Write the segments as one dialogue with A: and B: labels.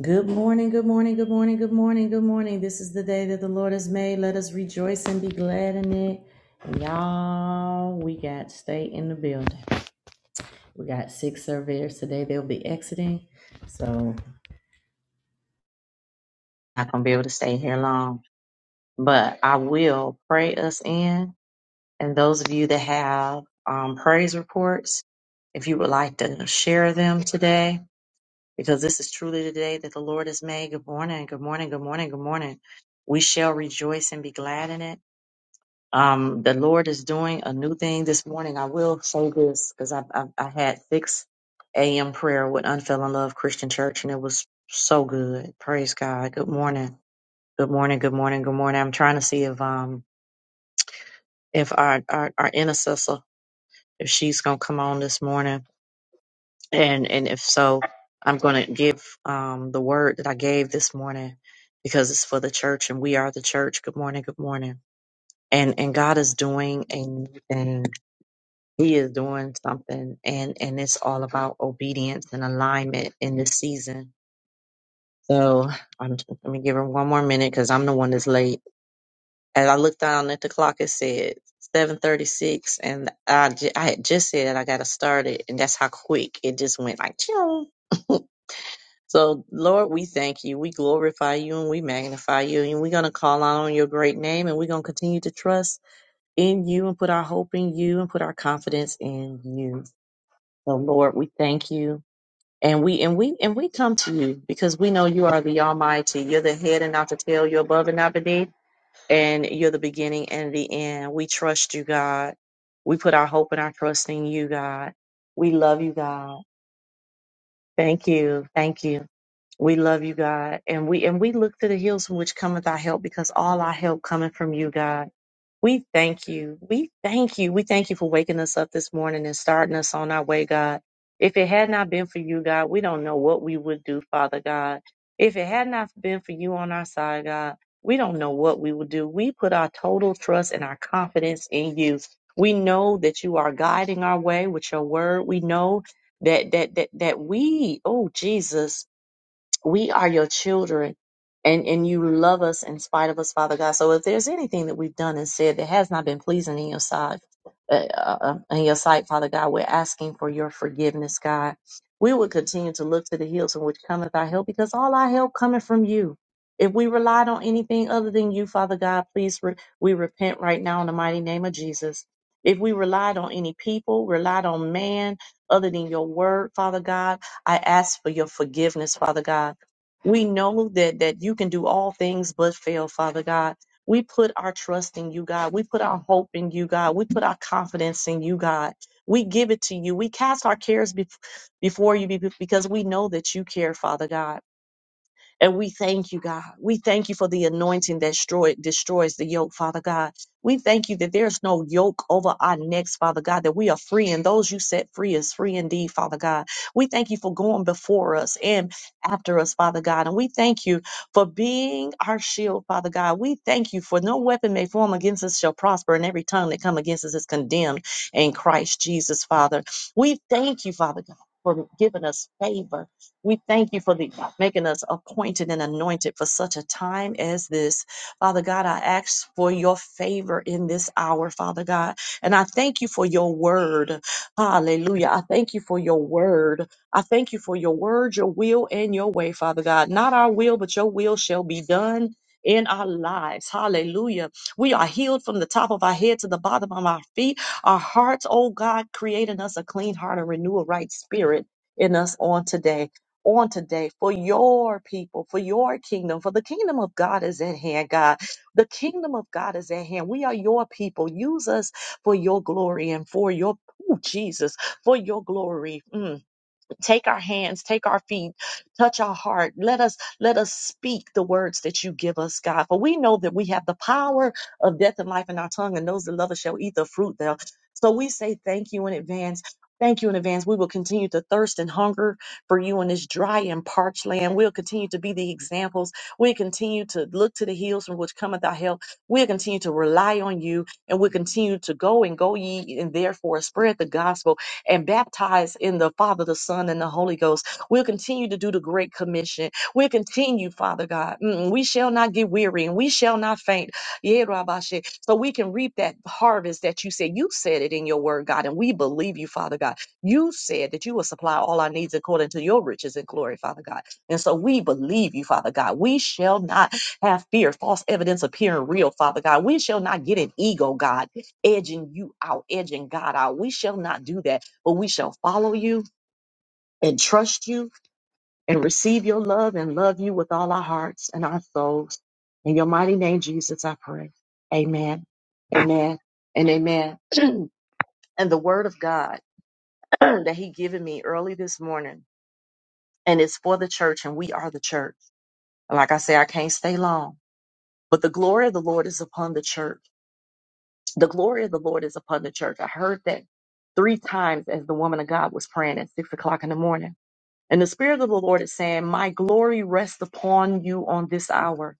A: Good morning, good morning, good morning, good morning, good morning. This is the day that the Lord has made. Let us rejoice and be glad in it. And y'all, we got stay in the building. We got six surveyors today. They'll be exiting. So not gonna be able to stay here long. But I will pray us in. And those of you that have um, praise reports, if you would like to share them today, because this is truly the day that the Lord has made. Good morning, good morning, good morning, good morning. We shall rejoice and be glad in it. Um, the Lord is doing a new thing this morning. I will say this because I, I I had six a.m. prayer with Unfell in Love Christian Church, and it was so good. Praise God. Good morning, good morning, good morning, good morning. I'm trying to see if um if our our, our intercessor if she's gonna come on this morning. And and if so, I'm going to give um, the word that I gave this morning because it's for the church and we are the church. Good morning, good morning. And and God is doing a new thing. He is doing something, and and it's all about obedience and alignment in this season. So I'm let me give him one more minute because I'm the one that's late. As I looked down at the clock, it said 7:36, and I ju- I had just said I got to start it, and that's how quick it just went like. Ching. So, Lord, we thank you. We glorify you and we magnify you. And we're going to call out on your great name and we're going to continue to trust in you and put our hope in you and put our confidence in you. So, Lord, we thank you. And we and we and we come to you because we know you are the Almighty. You're the head and not the tail. You're above and not beneath. And you're the beginning and the end. We trust you, God. We put our hope and our trust in you, God. We love you, God. Thank you. Thank you. We love you, God. And we and we look to the hills from which cometh our help because all our help coming from you, God. We thank you. We thank you. We thank you for waking us up this morning and starting us on our way, God. If it had not been for you, God, we don't know what we would do, Father God. If it had not been for you on our side, God, we don't know what we would do. We put our total trust and our confidence in you. We know that you are guiding our way with your word. We know that that that that we, oh Jesus, we are your children and and you love us in spite of us father god so if there's anything that we've done and said that has not been pleasing in your sight uh, uh, um, in your sight father god we're asking for your forgiveness god we will continue to look to the hills from which cometh our help because all our help cometh from you if we relied on anything other than you father god please re- we repent right now in the mighty name of jesus if we relied on any people relied on man other than your word father god i ask for your forgiveness father god we know that that you can do all things but fail, Father God. We put our trust in you, God. We put our hope in you, God. We put our confidence in you, God. We give it to you. We cast our cares bef- before you be- because we know that you care, Father God. And we thank you, God. We thank you for the anointing that destroy, destroys the yoke, Father God. We thank you that there's no yoke over our necks, Father God, that we are free, and those you set free is free indeed, Father God. We thank you for going before us and after us, Father God. And we thank you for being our shield, Father God. We thank you for no weapon may form against us shall prosper, and every tongue that come against us is condemned in Christ Jesus, Father. We thank you, Father God, for giving us favor we thank you for the, making us appointed and anointed for such a time as this. Father God, I ask for your favor in this hour, Father God. And I thank you for your word. Hallelujah. I thank you for your word. I thank you for your word, your will, and your way, Father God. Not our will, but your will shall be done. In our lives. Hallelujah. We are healed from the top of our head to the bottom of our feet. Our hearts, oh God, creating us a clean heart and renew a right spirit in us on today on today for your people, for your kingdom, for the kingdom of God is at hand, God. The kingdom of God is at hand. We are your people. Use us for your glory and for your, ooh, Jesus, for your glory. Mm. Take our hands, take our feet, touch our heart. Let us let us speak the words that you give us, God. For we know that we have the power of death and life in our tongue, and those that love us shall eat the fruit thereof. So we say thank you in advance. Thank you in advance. We will continue to thirst and hunger for you in this dry and parched land. We'll continue to be the examples. We'll continue to look to the hills from which cometh our help. We'll continue to rely on you and we'll continue to go and go ye and therefore spread the gospel and baptized in the Father, the Son, and the Holy Ghost. We'll continue to do the Great Commission. We'll continue, Father God. Mm, we shall not get weary and we shall not faint. Yeah, Rabashe. So we can reap that harvest that you said. You said it in your word, God, and we believe you, Father God. You said that you will supply all our needs according to your riches and glory, Father God. And so we believe you, Father God. We shall not have fear, false evidence appearing real, Father God. We shall not get an ego, God, edging you out, edging God out. We shall not do that but we shall follow you and trust you and receive your love and love you with all our hearts and our souls. In your mighty name, Jesus, I pray. Amen. Amen. And amen. and the word of God that he given me early this morning, and it's for the church, and we are the church. Like I say, I can't stay long, but the glory of the Lord is upon the church. The glory of the Lord is upon the church. I heard that three times as the woman of God was praying at six o'clock in the morning And the Spirit of the Lord is saying, My glory rests upon you on this hour.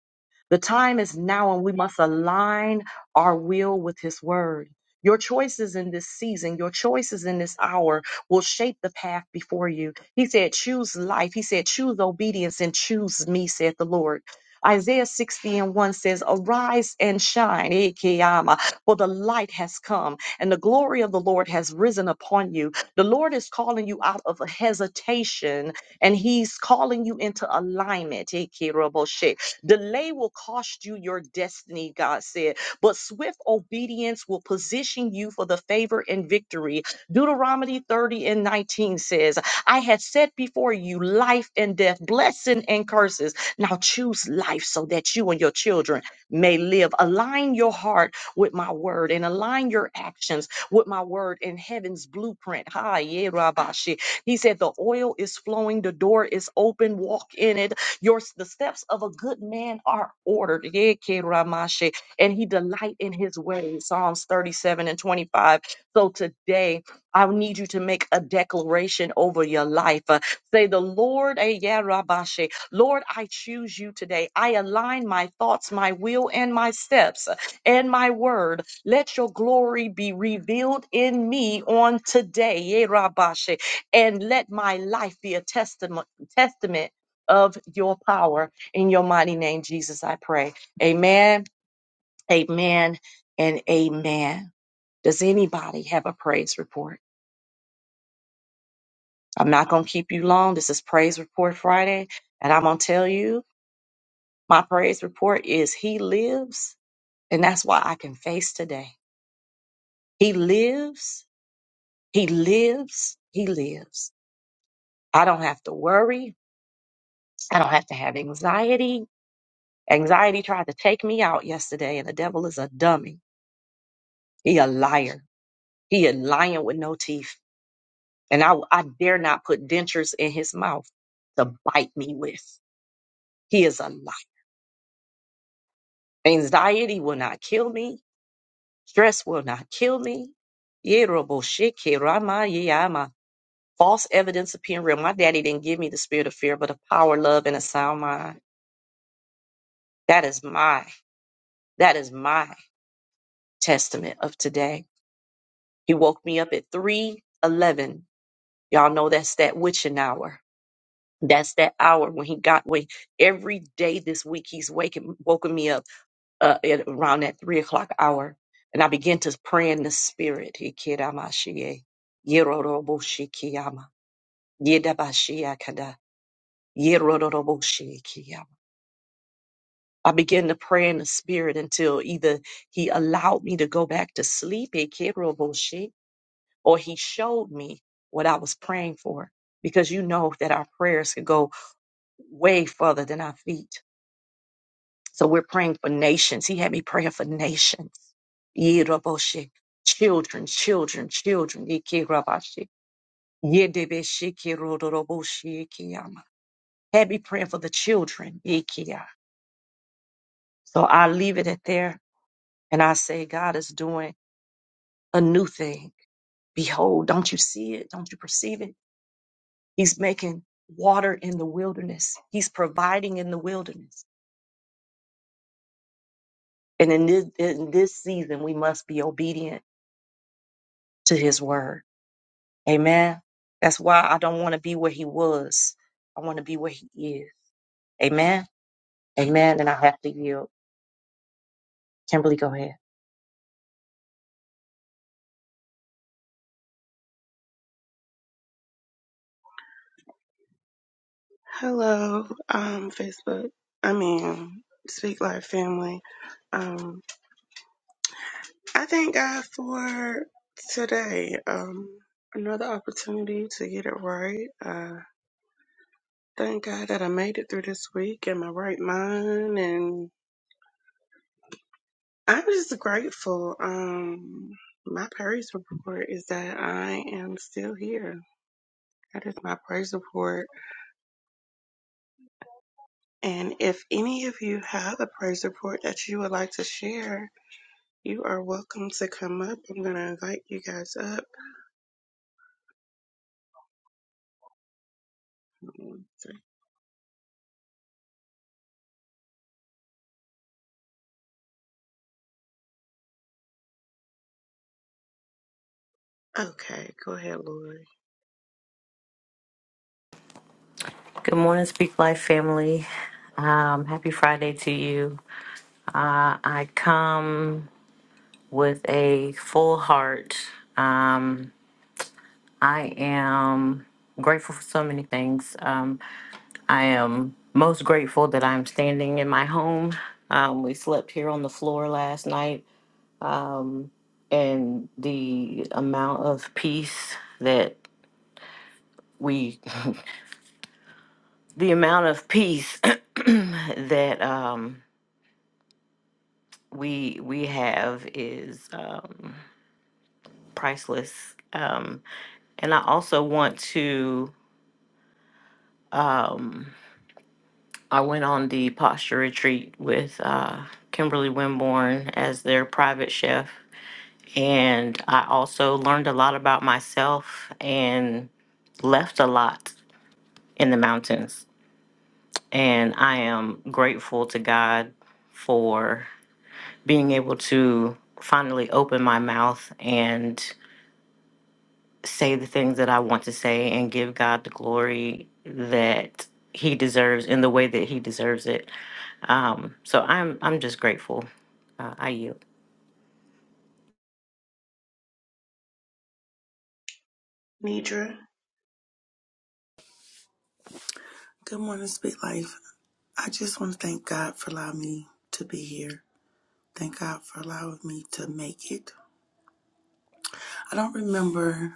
A: The time is now, and we must align our will with His word. Your choices in this season, your choices in this hour will shape the path before you. He said, Choose life. He said, Choose obedience and choose me, said the Lord. Isaiah 60 and 1 says, Arise and shine, eh, Kiyama, for the light has come, and the glory of the Lord has risen upon you. The Lord is calling you out of a hesitation, and He's calling you into alignment. eh, Kiroboshe. Delay will cost you your destiny, God said, but swift obedience will position you for the favor and victory. Deuteronomy 30 and 19 says, I had set before you life and death, blessing and curses. Now choose life so that you and your children may live. Align your heart with my word and align your actions with my word in heaven's blueprint. Hi, yeah, Rabashi. He said, The oil is flowing, the door is open, walk in it your the steps of a good man are ordered. Yeah, Ke Ramashe, And he delight in his way. Psalms 37 and 25. So today I need you to make a declaration over your life. Uh, say the Lord, eh, yeah, Rabashe. Lord, I choose you today. I align my thoughts, my will, and my steps uh, and my word. Let your glory be revealed in me on today. Yeah, Rabashe. And let my life be a testament testament of your power. In your mighty name, Jesus, I pray. Amen, amen, and amen. Does anybody have a praise report? I'm not going to keep you long. This is Praise Report Friday, and I'm going to tell you my praise report is He lives, and that's why I can face today. He lives, He lives, He lives. I don't have to worry. I don't have to have anxiety. Anxiety tried to take me out yesterday, and the devil is a dummy. He a liar. He a lion with no teeth, and I, I dare not put dentures in his mouth to bite me with. He is a lion. Anxiety will not kill me. Stress will not kill me. Yeroboshikiramaya. False evidence appearing real. My daddy didn't give me the spirit of fear, but a power, love, and a sound mind. That is my, that is my testament of today. He woke me up at 311. Y'all know that's that witching hour That's that hour when he got away. Every day this week, he's waking, woken me up uh, at around that three o'clock hour. And I began to pray in the spirit. Hikiramashiye, yeroroboshikiama, yedabashiakada, yeroroboshikiama. I began to pray in the spirit until either he allowed me to go back to sleep, hikiroboshi, or he showed me what I was praying for. Because you know that our prayers could go way further than our feet So we're praying for nations. He had me praying for nations. Yeroboshi. Children, children, children. Ikirabashi. Yedebeshi kirodoroboshi ikiyama. Had me praying for the children. Ikiya. So I leave it at there and I say, God is doing a new thing. Behold, don't you see it? Don't you perceive it? He's making water in the wilderness. He's providing in the wilderness. And in this, in this season, we must be obedient to his word. Amen. That's why I don't want to be where he was. I want to be where he is. Amen. Amen. And I have to yield. Kimberly, go ahead.
B: Hello, um, Facebook. I mean, Speak Life family. Um, I thank God for today. Um, another opportunity to get it right. Uh, thank God that I made it through this week in my right mind, and I'm just grateful. Um, my praise report is that I am still here. That is my praise report. And if any of you have a praise report that you would like to share, You are welcome to come up. I'm going to invite you guys up. Okay, go ahead, Lori.
C: Good morning, Speak Life family. Um, happy Friday to you. Uh, I come with a full heart. Um, I am grateful for so many things. Um, I am most grateful that I'm standing in my home. Um, we slept here on the floor last night, and the amount of peace that we, the amount of peace that um, we we have is. Um, priceless. Um, and I also want to, I went on the posture retreat with uh, Kimberly Wimborne as their private chef. And I also learned a lot about myself and left a lot in the mountains. And I am grateful to God for being able to finally open my mouth and. say the things that I want to say and give God the glory that He deserves in the way that He deserves it. Um, so I'm I'm just grateful. Uh, I yield.
B: Nidra,
D: Good morning, Speak Life. I just want to thank God for allowing me to be here. Thank God for allowing me to make it. I don't remember.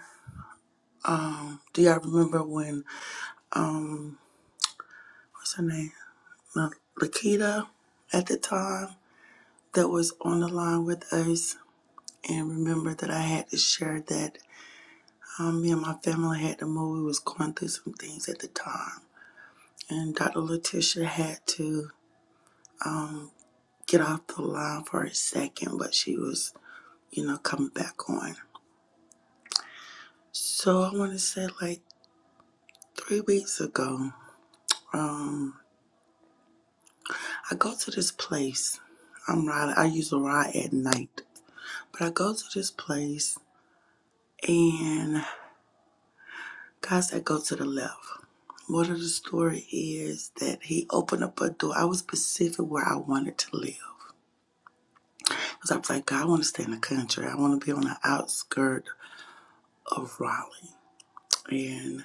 D: Um, do y'all remember when um, what's her name, La- Lakita, at the time that was on the line with us? And remember that I had to share that um, me and my family had to move. We was going through some things at the time, and Dr. Letitia had to um, get off the line for a second, but she was you know, coming back on. So I want to say like three weeks ago, um, I go to this place. I'm riding. I usually ride at night, but I go to this place, and God said go to the left. What of the story is that he opened up a door. I was specific where I wanted to live. Because I was like, God, I want to stay in the country. I want to be on the outskirt of Raleigh. and.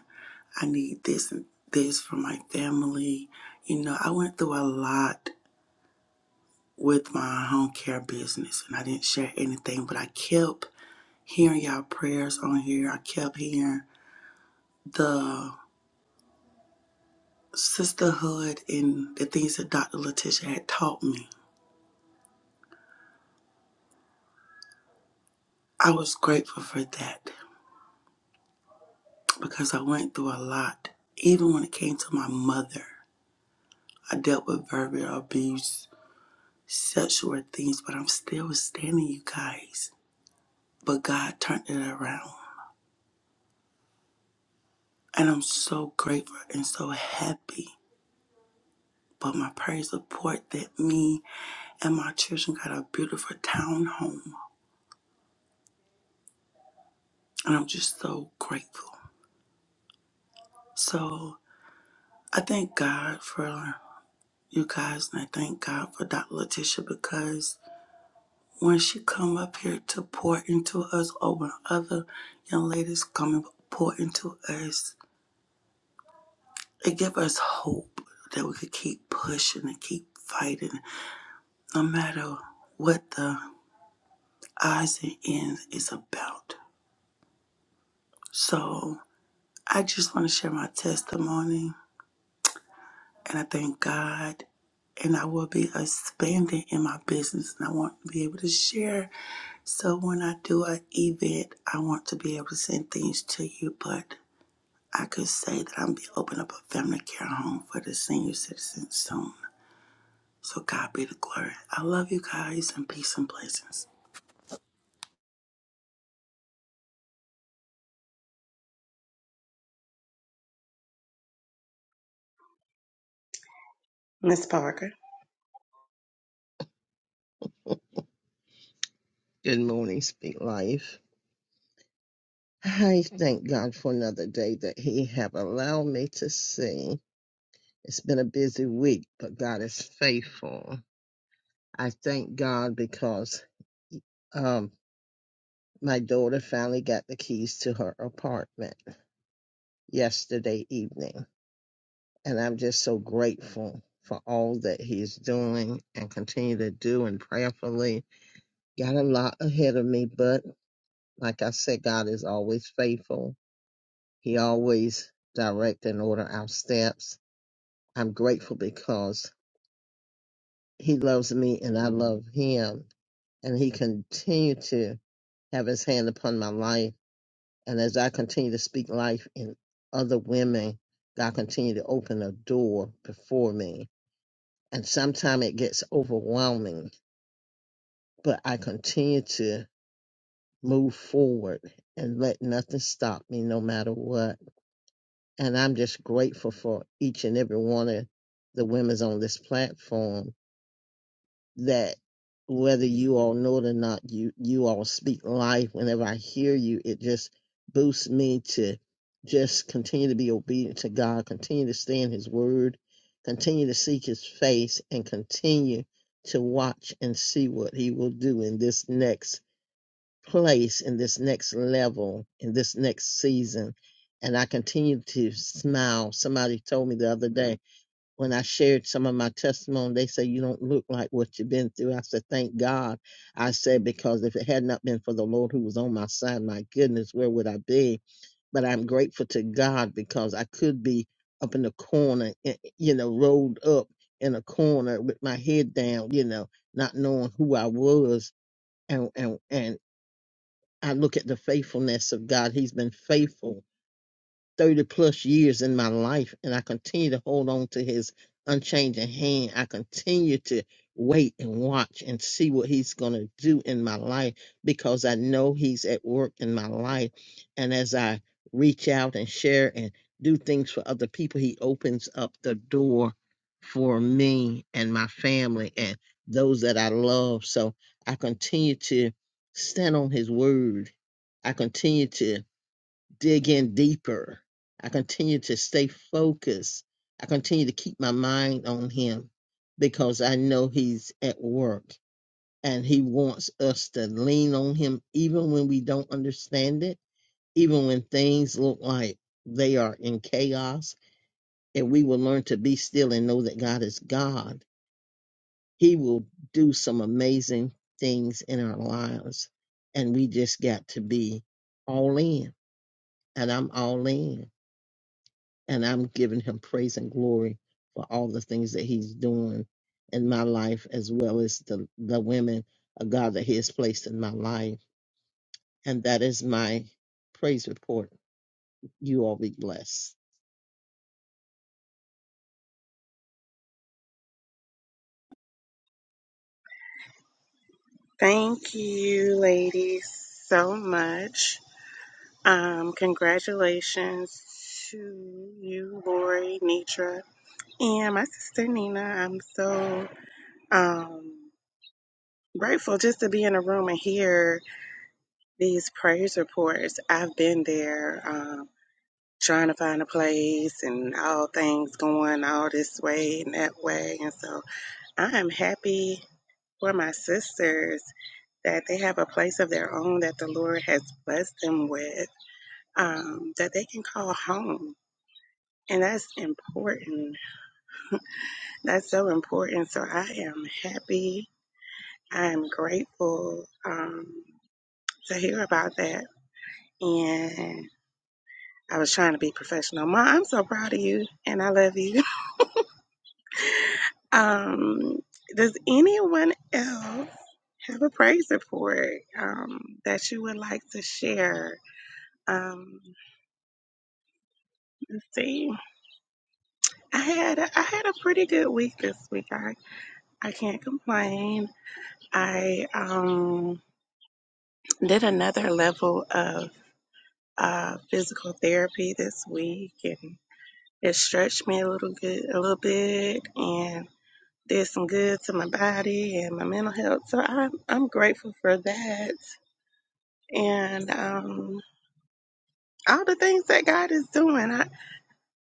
D: I need this and this for my family. You know, I went through a lot with my home care business and I didn't share anything, but I kept hearing y'all prayers on here. I kept hearing the sisterhood and the things that Dr. Letitia had taught me. I was grateful for that because I went through a lot. Even when it came to my mother, I dealt with verbal abuse, sexual things, but I'm still standing, you guys but God turned it around. And I'm so grateful and so happy. But my praise report that me and my children got a beautiful town home. And I'm just so grateful. So I thank God for you guys and I thank God for Dr. Letitia because when she come up here to pour into us or when other young ladies come and pour into us, it give us hope that we could keep pushing and keep fighting no matter what the odds and ends is about. So I just want to share my testimony and I thank God and I will be expanding in my business and I want to be able to share. So when I do an event, I want to be able to send things to you, but I could say that I'm be opening up a family care home for the senior citizens soon. So God be the glory. I love you guys and peace and blessings.
B: Miss Parker.
E: Good morning, Speak Life. I thank God for another day that He have allowed me to see. It's been a busy week, but God is faithful. I thank God because um, my daughter finally got the keys to her apartment yesterday evening, and I'm just so grateful for all that He's doing and continue to do and prayerfully. Got a lot ahead of me, but like I said, God is always faithful He always direct and order our steps. I'm grateful because he loves me and I love him and he continue to have his hand upon my life. And as I continue to speak life in other women, God continue to open a door before me. And sometimes it gets overwhelming, but I continue to move forward and let nothing stop me no matter what. And I'm just grateful for each and every one of the women's on this platform that whether you all know it or not, you, you all speak life. Whenever I hear you, it just boosts me to just continue to be obedient to God, continue to stay in his word, continue to seek his face and continue to watch and see what he will do in this next place in this next level, in this next season. And I continue to smile. Somebody told me the other day when I shared some of my testimony, they say, You don't look like what you've been through. I said, Thank God. I said, Because if it had not been for the Lord who was on my side, my goodness, where would I be? But I'm grateful to God because I could be up in the corner, eh, eh, you know, rolled up in a corner with my head down, you know, not knowing who I was and and and. I look at the faithfulness of God. He's been faithful 30 plus years in my life and I continue to hold on to his unchanging hand. I continue to wait and watch and see what he's going to do in my life because I know he's at work in my life. And as I reach out and share and do things for other people, he opens up the door for me and my family and those that I love. So I continue to stand on his word. I continue to dig in deeper. I continue to stay focused. I continue to keep my mind on him because I know he's at work and he wants us to lean on him even when we don't understand it, even when things look like they are in chaos. And we will learn to be still and know that God is God, he will do some amazing things in our lives. And we just got to be all in. And I'm all in. and I'm giving him praise and glory for all the things that he's doing in my life as well as the the women of God that he has placed in my life. And that is my praise report. You all be blessed.
B: Thank you, ladies, so much. Um, congratulations to you, Lori, Nitra, and my sister Nina. I'm so um, grateful just to be in a room and hear these praise reports. I've been there. Um, trying to find a place and all things going all this way and that way. And so I am happy for my sisters that they have a place of their own that the Lord has blessed them with, um, that they can call home. And that's important. That's so important. So I am happy. I am grateful um, to hear about that. And I was trying to be professional. Ma, I'm so proud of you and I love you. Um, does anyone else have a praise report um, that you would like to share? Um, let's see. I had I had a pretty good week this week. I I can't complain. I um, did another level of uh, physical therapy this week, and it stretched me a little good, a little bit, and did some good to my body and my mental health. So I'm I'm grateful for that. and um, all the things that God is doing. I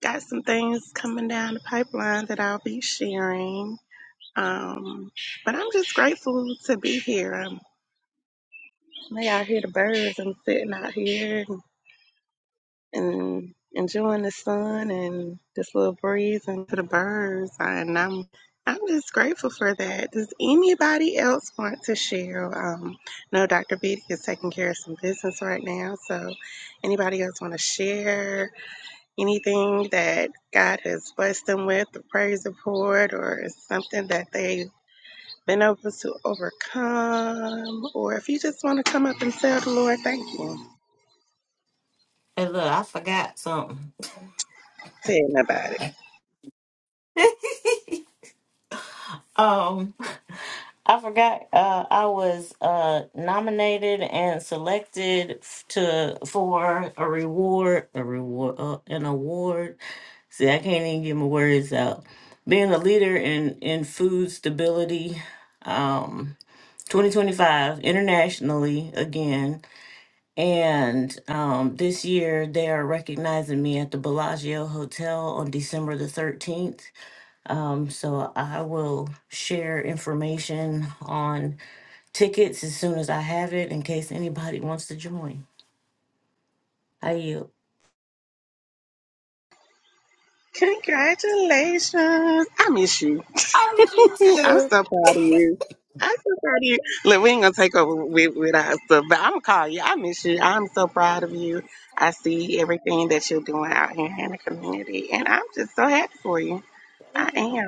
B: got some things coming down the pipeline that I'll be sharing. Um, but I'm just grateful to be here. Um, may I hear the birds. I'm sitting out here and and enjoying the sun and this little breeze and to the birds. And I'm I'm just grateful for that. Does anybody else want to share? Um, no, Dr. Beatty is taking care of some business right now, so anybody else want to share? anything that God has blessed them with, a praise report or something that they've been able to overcome, or if you just want to come up and tell the Lord, thank you.
C: Hey, look, I forgot something.
B: Tell him about it.
C: Um, I forgot uh, I was uh, nominated and selected f- to for a reward, a reward, uh, an award. See, I can't even get my words out. Being a leader in in food stability. Um, 2025 internationally again. And um, this year they are recognizing me at the Bellagio Hotel on December the 13th. Um, so I will share information on tickets as soon as I have it in case anybody wants to join. I yield.
B: Congratulations. I miss you. I'm so proud of you. I'm so proud of you. Look, we ain't gonna take over with, with our stuff, but I'm gonna call you. I miss you. I'm so proud of you. I see everything that you're doing out here in the community, and I'm just so happy for you. I am.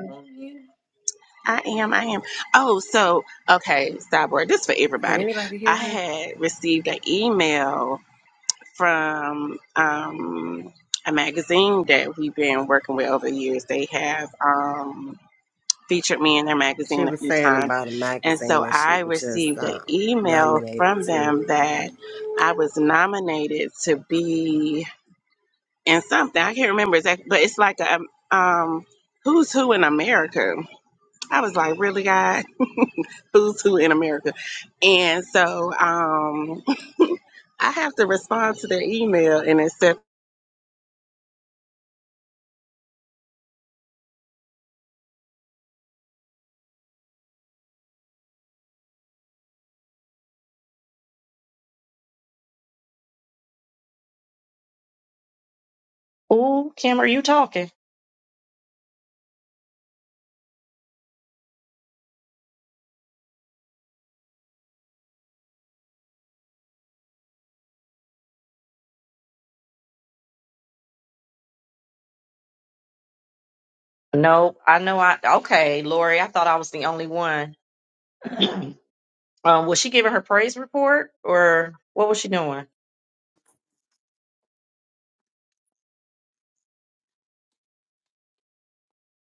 B: I am. I am. Oh, so okay, Cyborg. This for
F: Can
B: everybody.
F: anybody
B: I
F: hear her?
B: had received an email from um, a magazine that we've been working with over the years. They have um, featured me in their
F: She
B: magazine a
F: was
B: few
F: saying
B: times,
F: about a
B: and
F: magazine
B: so
F: that she
B: I
F: was just
B: received an
F: um,
B: email
F: nominated
B: from
F: to.
B: them
F: Yeah.
B: that I was nominated to be in something. I can't remember exactly, but it's like a um, who's who in America I was like, really, God? Who's who in America? And so um, I have to respond to their email and accept.
A: Ooh, Kim, are you talking? No, I know I okay, Lori, I thought I was the only one. um, was she giving her praise report or what was she doing?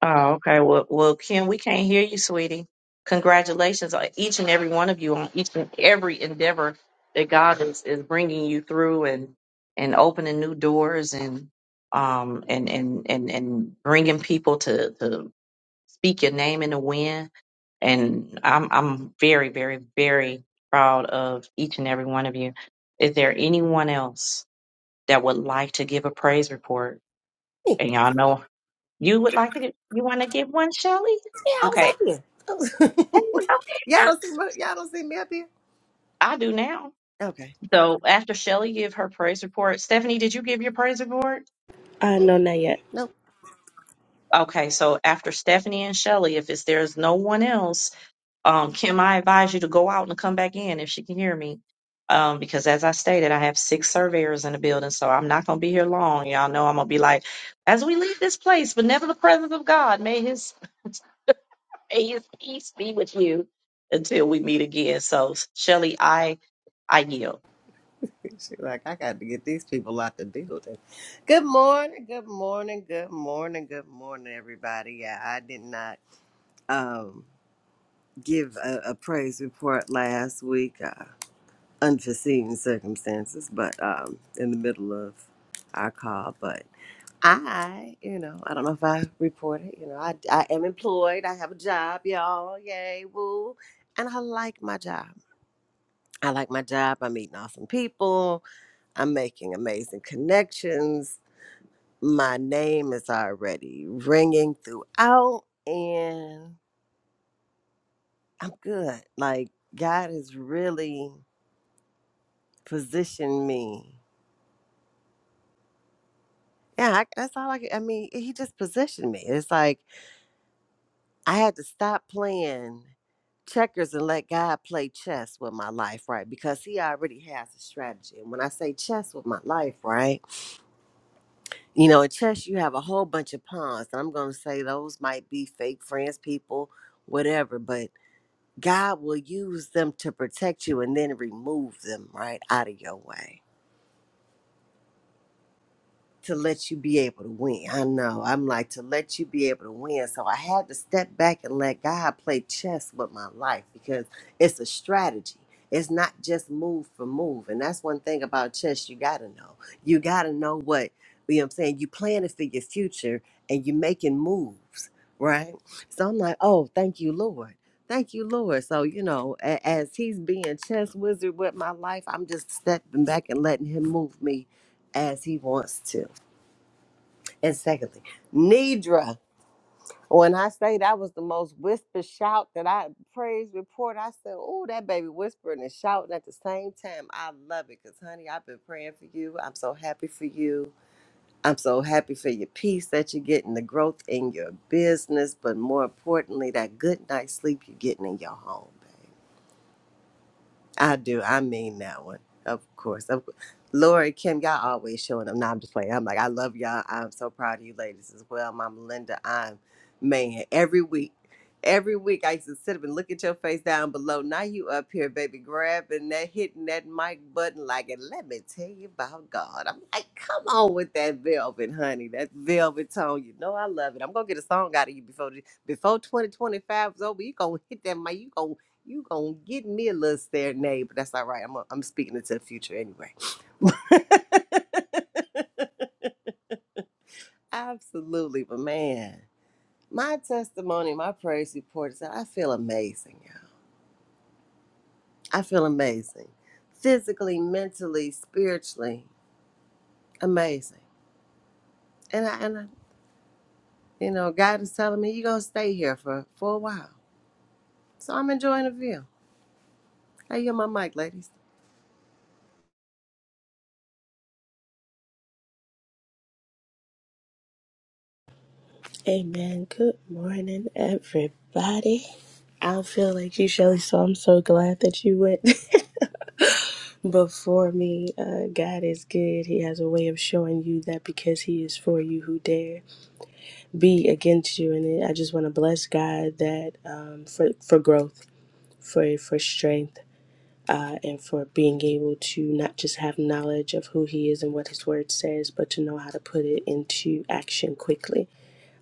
A: Oh, okay. Well, well, Kim, we can't hear you, sweetie. Congratulations on each and every one of you on each and every endeavor that God is, is bringing you through and and opening new doors and um and and and and bringing people to to speak your name in the wind. And I'm I'm very very very proud of each and every one of you. Is there anyone else that would like to give a praise report?
F: Hey,
A: And y'all know you would like to get, you want to give one, Shelly?
F: yeah, I was
A: Okay.
F: up here. I was- y'all don't see my, y'all don't see me up here.
A: I do now.
F: Okay.
A: So after Shelly give her praise report, Stephanie, did you give your praise report?
G: Uh, no,
F: Uh-uh.
G: not yet.
F: Nope.
A: Okay, so after Stephanie and Shelly, if it's there's no one else, um, Kim, I advise you to go out and come back in if she can hear me. Um, because as I stated, I have six surveyors in the building, so I'm not gonna be here long. Y'all know I'm gonna be like, as we leave this place, but never the presence of God, may his Peace, peace be with you until we meet again. So, Shelly, I I yield.
F: She like I got to get these people out the building. Good morning. Good morning. Good morning. Good morning, everybody. Yeah, I did not um, give a, a praise report last week. Uh, unforeseen circumstances, but um, in the middle of our call, but. I, you know, I don't know if I reported, you know, I, I am employed. I have a job, y'all. Yay, woo. And I like my job. I like my job. I'm meeting awesome people. I'm making amazing connections. My name is already ringing throughout, and I'm good. Like, God has really positioned me. Yeah, I, that's all I, can- I mean, He just positioned me. It's like, I had to stop playing checkers and let God play chess with my life, right? Because He already has a strategy. And when I say chess with my life, right? You know, in chess, you have a whole bunch of pawns. And I'm going to say those might be fake friends, people, whatever. But God will use them to protect you and then remove them right out of your way to let you be able to win. I know. I'm like, to let you be able to win. So I had to step back and let God play chess with my life because it's a strategy. It's not just move for move. And that's one thing about chess you got to know. You got to know what, you know what I'm saying? You planning for your future and you making moves, right? So I'm like, oh, thank you, Lord. Thank you, Lord. So, you know, a- as he's being chess wizard with my life, I'm just stepping back and letting him move me as he wants to. Exactly. Nidra. When I say that was the most whisper shout that I praise report, I said, Oh, that baby whispering and shouting at the same time. I love it because, honey, I've been praying for you. I'm so happy for you. I'm so happy for your peace that you're getting, the growth in your business, but more importantly, that good night's sleep you're getting in your home, babe. I do. I mean that one, of course. Of, course. Lori, Kim, y'all always showing up. No, I'm just playing. I'm like, I love y'all. I'm so proud of you ladies as well. Mama Linda, I'm man. Every week, every week I used to sit up and look at your face down below. Now you up here, baby, grabbing that, hitting that mic button like, and let me tell you about God. I'm like, come on with that velvet, honey. That velvet tone. You know I love it. I'm gonna get a song out of you before the- before 2025 is over. You gonna hit that mic. You gonna you gonna get me a little stare, nay, but that's all right. I'm I'm speaking into the future anyway. Absolutely, but man, my testimony, my praise report is that I feel amazing, y'all. I feel amazing, physically, mentally, spiritually, amazing. And I, and I, you know, God is telling me you gonna stay here for for a while, so I'm enjoying the view. Hey, you my mic, ladies.
G: Amen. Good morning, everybody. I don't feel like you, Shelly, so I'm so glad that you went before me. Uh, God is good. He has a way of showing you that because He is for you, who dare be against you. And I just want to bless God that um, for for growth, for for strength. Uh, and for being able to not just have knowledge of who he is and what his word says, but to know how to put it into action quickly.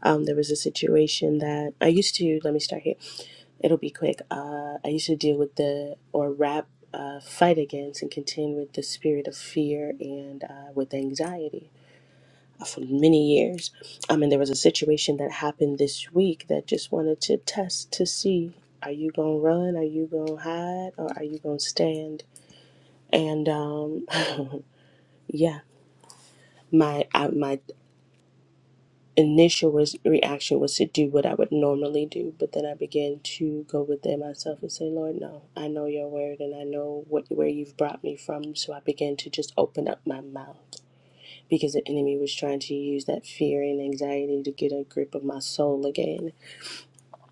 G: Um, there was a situation that I used to, let me start here. It'll be quick. Uh, I used to deal with the, or rap, uh, fight against and contend with the spirit of fear and uh, with anxiety for many years. I mean, there was a situation that happened this week that just wanted to test to see are you going to run? Are you going to hide? Or are you going to stand? And um, yeah. My I, my initial was, reaction was to do what I would normally do, but then I began to go within myself and say, Lord, no, I know your word and I know what where you've brought me from. So I began to just open up my mouth because the enemy was trying to use that fear and anxiety to get a grip of my soul again.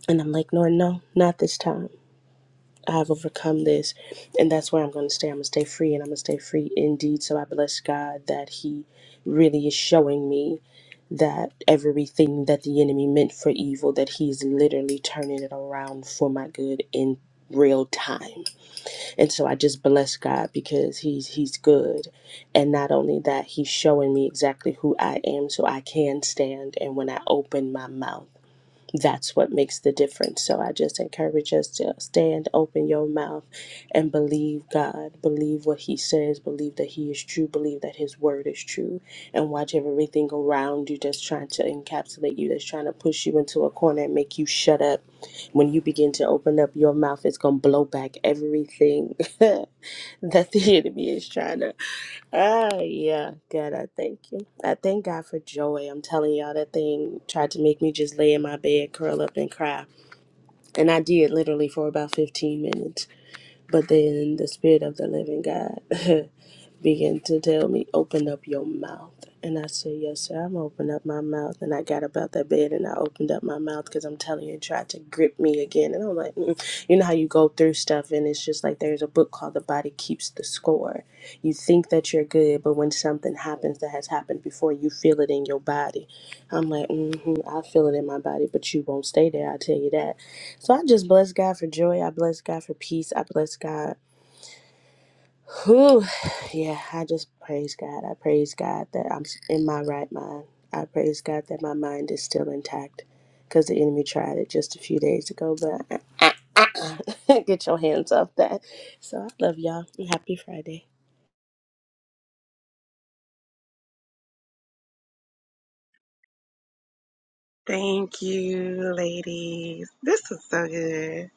G: And I'm like, Lord, no, not this time. I've overcome this, and that's where I'm going to stay. I'm going to stay free, and I'm going to stay free indeed. So I bless God that He really is showing me that everything that the enemy meant for evil that he's literally turning it around for my good in real time and so i just bless god because he's he's good and not only that he's showing me exactly who i am so i can stand and when i open my mouth that's what makes the difference. So I just encourage us to stand, open your mouth, and believe God. Believe what He says. Believe that He is true. Believe that His word is true. And watch everything around you that's trying to encapsulate you, that's trying to push you into a corner and make you shut up. When you begin to open up your mouth, it's going to blow back everything that the enemy is trying to Ah, yeah, God, I thank you. I thank God for joy. I'm telling y'all, that thing tried to make me just lay in my bed, curl up, and cry. And I did literally for about 15 minutes. But then the Spirit of the Living God began to tell me, Open up your mouth. And I said, Yes, sir, I'm gonna open up my mouth. And I got about that bed and I opened up my mouth because I'm telling you, it tried to grip me again. And I'm like, mm. You know how you go through stuff and it's just like there's a book called The Body Keeps the Score. You think that you're good, but when something happens that has happened before, you feel it in your body. I'm like, mm-hmm, I feel it in my body, but you won't stay there, I tell you that. So I just bless God for joy. I bless God for peace. I bless God. Whew. Yeah, I just praise God. I praise God that I'm in my right mind. I praise God that my mind is still intact because the enemy tried it just a few days ago, but uh, uh, uh, uh, get your hands off that. So I love y'all. Happy Friday.
B: thank you, ladies. This is so good.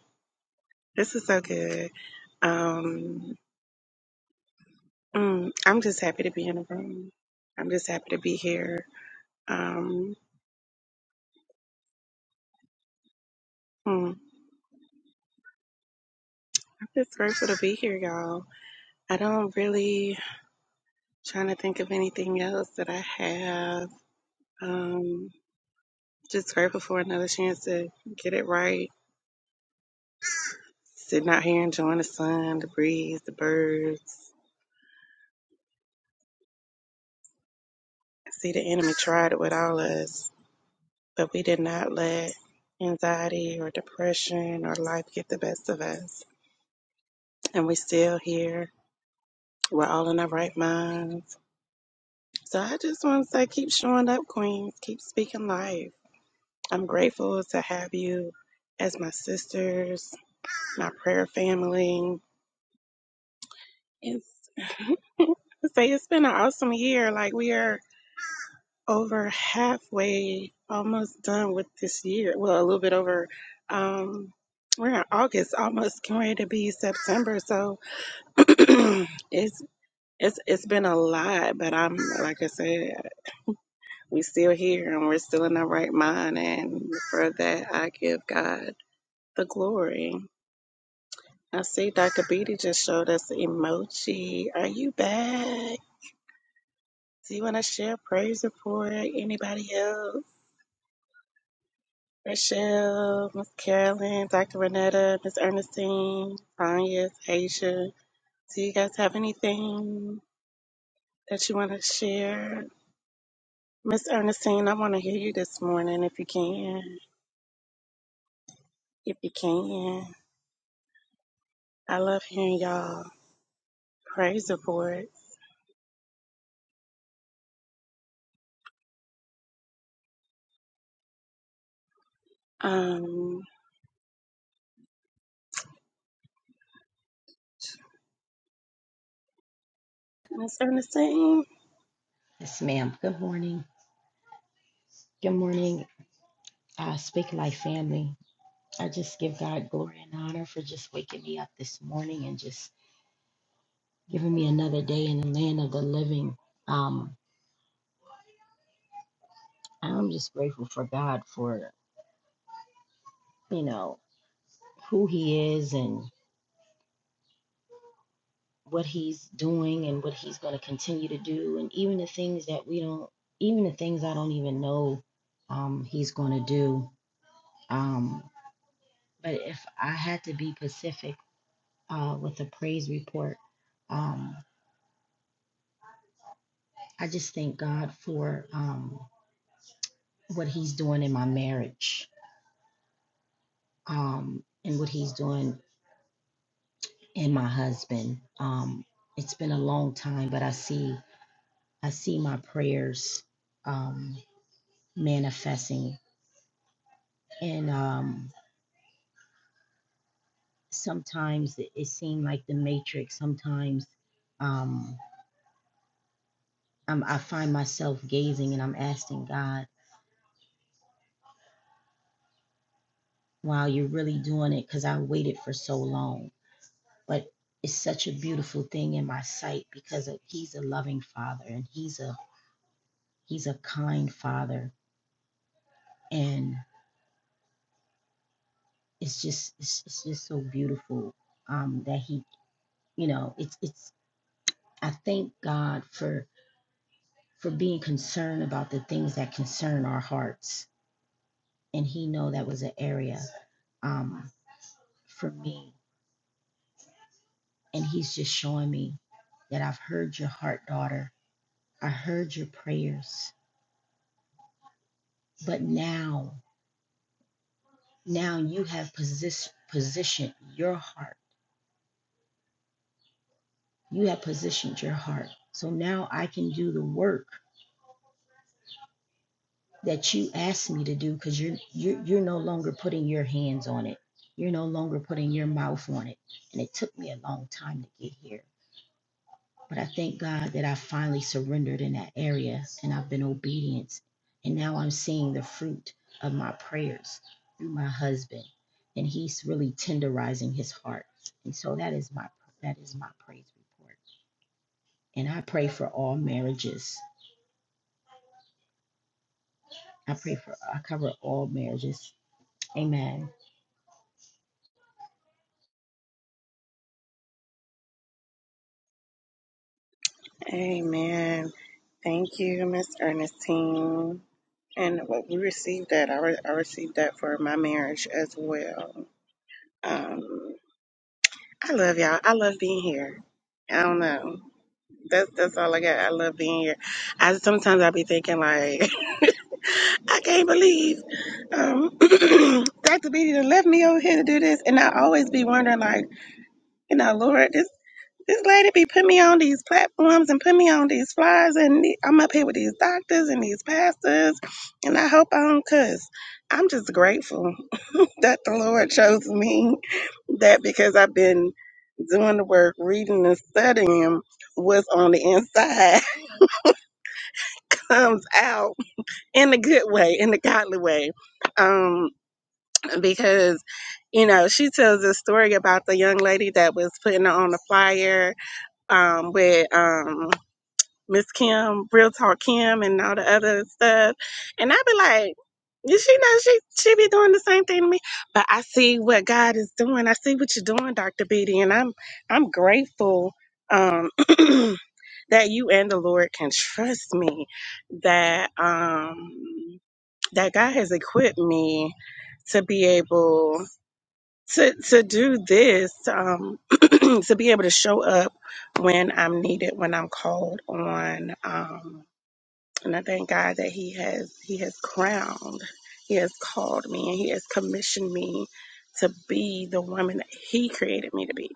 B: This is so good. Um, mm, I'm just happy to be in the room. I'm just happy to be here. Um, mm, I'm just grateful to be here, y'all. I don't really trying to think of anything else that I have. Um, Just grateful for another chance to get it right. Sitting out here enjoying the sun, the breeze, the birds. I see the enemy tried it with all of us, but we did not let anxiety or depression or life get the best of us. And we still here. We're all in our right minds. So I just want to say keep showing up, Queens. Keep speaking life. I'm grateful to have you as my sisters, my prayer family. It's I would say it's been an awesome year. Like we are over halfway, almost done with this year. Well, a little bit over. Um, we're in August, almost getting ready to be September. So it's it's it's been a lot, but I'm like I said, we still here and we're still in the right mind, and for that I give God the glory. I see Dr. Beatty just showed us the emoji. Are you back? Do you want to share praise report? Anybody else? Michelle, Miss Carolyn, Dr. Renetta, Miss Ernestine, Tanya, Asia. Do you guys have anything that you want to share? Miss Ernestine, I want to hear you this morning if you can. If you can. I love hearing y'all praise reports. Um, Miss Ernestine?
H: Yes, ma'am. Good morning. Good morning, uh, Speak Life family. I just give God glory and honor for just waking me up this morning and just giving me another day in the land of the living. Um, I'm just grateful for God for, you know, who He is and what He's doing and what He's going to continue to do. And even the things that we don't, even the things I don't even know um, He's going to do. Um, but if I had to be Pacific. uh, with a praise report. Um, I just thank God for um, what He's doing in my marriage um, and what He's doing in my husband. Um, it's been a long time, but I see I see my prayers um, manifesting. And um, sometimes it, it seemed like the matrix. Sometimes um, I'm, I find myself gazing and I'm asking God, "Wow, you're really doing it?" Because I waited for so long but it's such a beautiful thing in my sight because of, he's a loving father and he's a he's a kind father and it's just it's, it's just so beautiful um that he you know it's it's i thank god for for being concerned about the things that concern our hearts and he know that was an area um for me and he's just showing me that i've heard your heart daughter i heard your prayers but now Now you have position, positioned your heart. You have positioned your heart. So now I can do the work that you asked me to do because you're, you're, you're no longer putting your hands on it. You're no longer putting your mouth on it. And it took me a long time to get here. But I thank God that I finally surrendered in that area and I've been obedient. And now I'm seeing the fruit of my prayers through my husband. And he's really tenderizing his heart. And so that is my that is my praise report. And I pray for all marriages. I pray for I cover all marriages. Amen.
B: Amen. Thank you, Miss Ernestine. And what we received that, I, re- I received that for my marriage as well. Um. I love y'all. I love being here. I don't know. That's that's all I got. I love being here. I sometimes I be thinking like I can't believe um, Dr. Beatty done left me over here to do this, and I always be wondering like you know Lord this this lady be putting me on these platforms and put me on these flyers, and the- I'm up here with these doctors and these pastors, and I hope I don't cuss. I'm just grateful that the Lord chose me that because I've been doing the work, reading and studying what's on the inside comes out in a good way, in the godly way. Um, because, you know, she tells this story about the young lady that was putting on the flyer um with um Miss Kim, Real Talk Kim, and all the other stuff. And I be like, you she know she she be doing the same thing to me. But I see what God is doing. I see what you're doing, Dr. Beatty, and I'm I'm grateful um that you and the Lord can trust me that um that God has equipped me to be able to to do this um to be able to show up when I'm needed, when I'm called on. Um and I thank God that He has He has crowned, He has called me, and He has commissioned me to be the woman that He created me to be.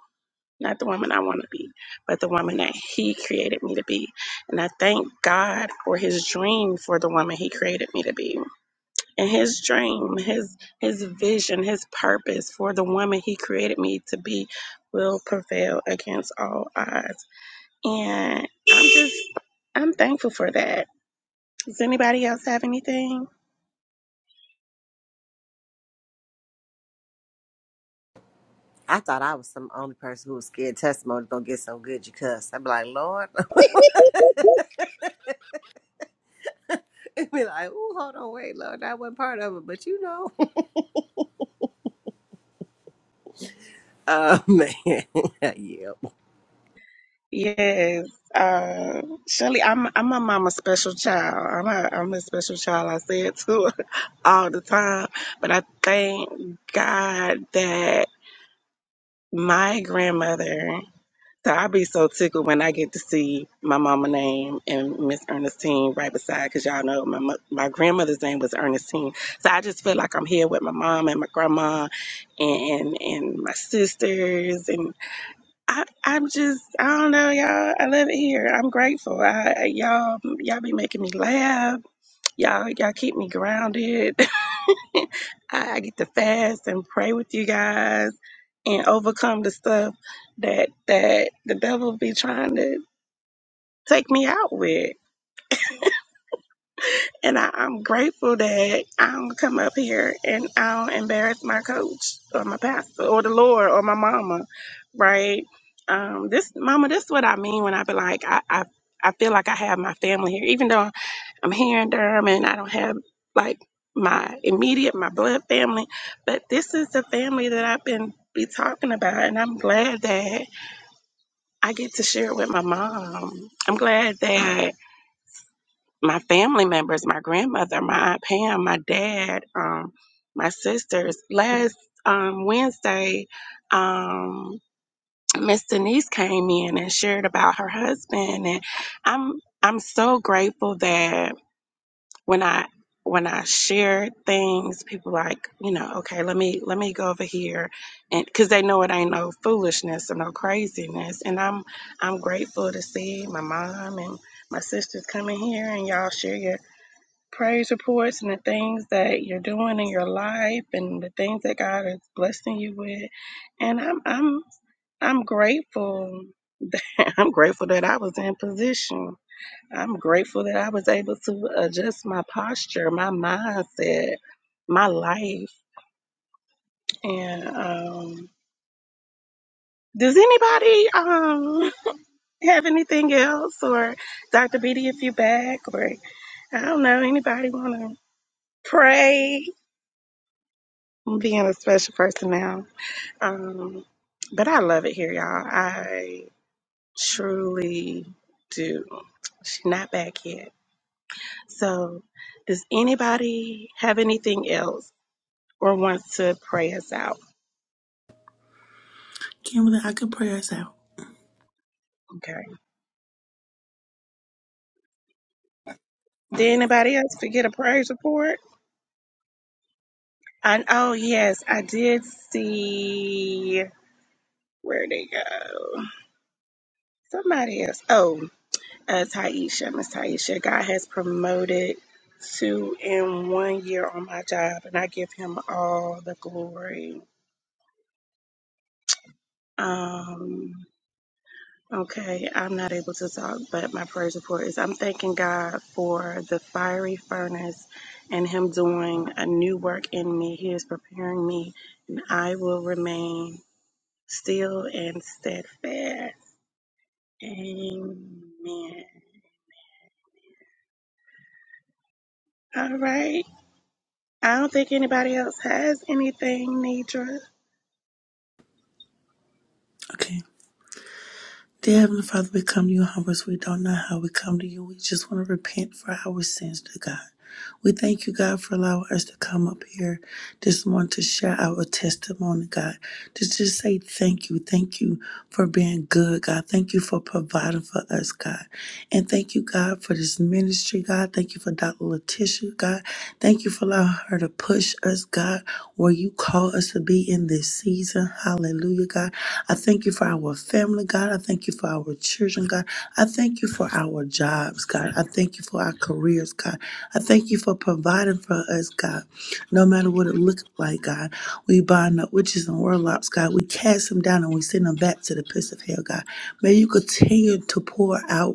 B: Not the woman I want to be, but the woman that He created me to be. And I thank God for His dream for the woman He created me to be. And His dream, His His vision, His purpose for the woman He created me to be will prevail against all odds. And I'm just I'm thankful for that. Does anybody else have anything?
F: I thought I was some only person who was scared testimony gonna get so good you cuss. I'd be like, Lord. And be like, oh, hold on, wait, Lord, that wasn't part of it, but you know. Oh, man. yep.
B: Yes. Uh, Shelly, I'm I'm a mama special child. I'm a I'm a special child. I say it to her all the time. But I thank God that my grandmother. So I be so tickled when I get to see my mama name and Miss Ernestine right beside, because y'all know my mo- my grandmother's name was Ernestine. So I just feel like I'm here with my mom and my grandma, and and my sisters, I, I'm just, I don't know, y'all. I love it here. I'm grateful. I, I- y'all, y'all be making me laugh. Y'all, y'all keep me grounded. I, I get to fast and pray with you guys and overcome the stuff that that the devil be trying to take me out with. And I, I'm grateful that I don't come up here and I don't embarrass my coach or my pastor or the Lord or my mama, right? Um, this mama, this is what I mean when I be like, I, I, I feel like I have my family here, even though I'm here in Durham and I don't have like my immediate, my blood family, but this is the family that I've been be talking about, and I'm glad that I get to share it with my mom. I'm glad that my family members, my grandmother, my aunt Pam, my dad, um, my sisters. Last um, Wednesday, um, Miss Denise came in and shared about her husband, and I'm I'm so grateful that when I when I share things, people like you know, okay, let me let me go over here, and because they know it ain't no foolishness or no craziness, and I'm I'm grateful to see my mom and my sisters coming here and y'all share your praise reports and the things that you're doing in your life and the things that God is blessing you with. And I'm I'm I'm grateful. I'm grateful that I was in position. I'm grateful that I was able to adjust my posture, my mindset, my life. And um does anybody um have anything else or Dr. Beatty if you back or I don't know, anybody wanna pray? I'm being a special person now. Um, but I love it here, y'all. I truly do. She's not back yet. So, does anybody have anything else or wants to pray us out?
D: Kimberly, I can pray us out.
B: Okay. Did anybody else forget a praise report? And oh yes, I did see where they go. Somebody else. Oh, Uh, Taisha, Miss Taisha, God has promoted two in one year on my job, and I give Him all the glory. Um, okay, I'm not able to talk, but my praise report is I'm thanking God for the fiery furnace and Him doing a new work in me. He is preparing me, and I will remain still and steadfast. Amen. All right. I don't think anybody else has anything, Nidra.
D: Okay. Dear Heavenly Father, we come to you humble. We don't know how we come to you. We just want to repent for our sins, dear God. We thank you, God, for allowing us to come up here this morning to share our testimony, God. To just say thank you. Thank you for being good, God. Thank you for providing for us, God. And thank you, God, for this ministry, God. Thank you for Dr. Letitia, God. Thank you for allowing her to push us, God, where you call us to be in this season. Hallelujah, God. I thank you for our family, God. I thank you for our children, God. I thank you for our jobs, God. I thank you for our careers, God. I thank you for providing for us, God. No matter what it looked like, God, we bind up witches and warlocks, God. We cast them down and we send them back to the pits of hell, God. May you continue to pour out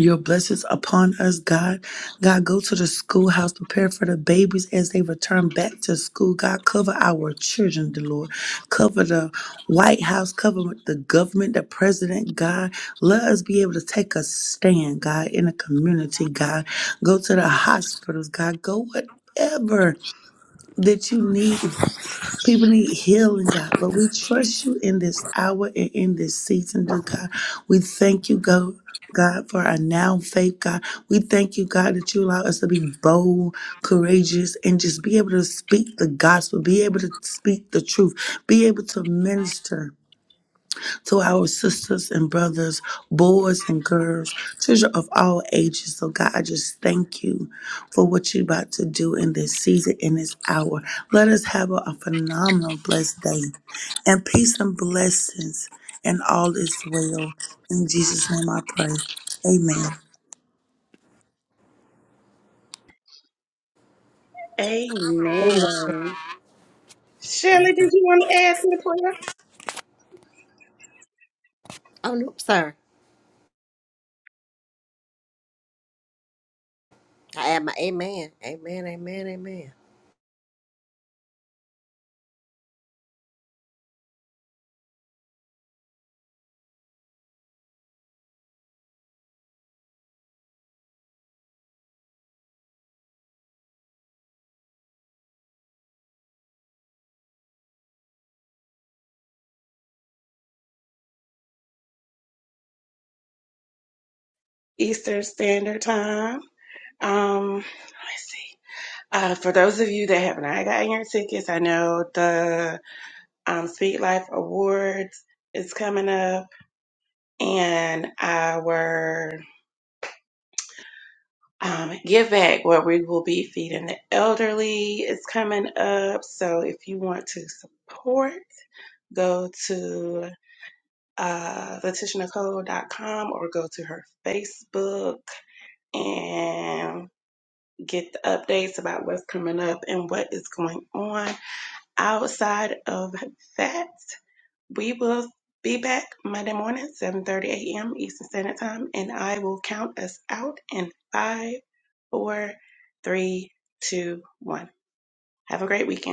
D: your blessings upon us, God. God, go to the schoolhouse, prepare for the babies as they return back to school. God, cover our children, the Lord. Cover the White House, cover the government, the president, God. Let us be able to take a stand, God, in the community, God. Go to the hospitals, God. Go whatever that you need People need healing, God, but we trust you in this hour and in this season, dear God. We thank you, God. God, for our now faith, God. We thank you, God, that you allow us to be bold, courageous, and just be able to speak the gospel, be able to speak the truth, be able to minister to our sisters and brothers, boys and girls, children of all ages. So, God, I just thank you for what you're about to do in this season, in this hour. Let us have a, a phenomenal, blessed day. And peace and blessings, and all is well. In Jesus' name I pray. Amen.
G: Amen.
B: Amen. Shirley, did you want to add to the prayer?
F: Oh, no, sir. I add my amen. Amen, amen, amen.
B: Eastern Standard Time. Um, let's see. Uh, for those of you that have not gotten your tickets, I know the um, Speak Life Awards is coming up, and our um, Give Back, where we will be feeding the elderly, is coming up. So if you want to support, go to uh, letitianicole.com or go to her Facebook and get the updates about what's coming up and what is going on. Outside of that, we will be back Monday morning, 7.30 a.m. Eastern Standard Time, and I will count us out in five, four, three, two, one. Have a great weekend.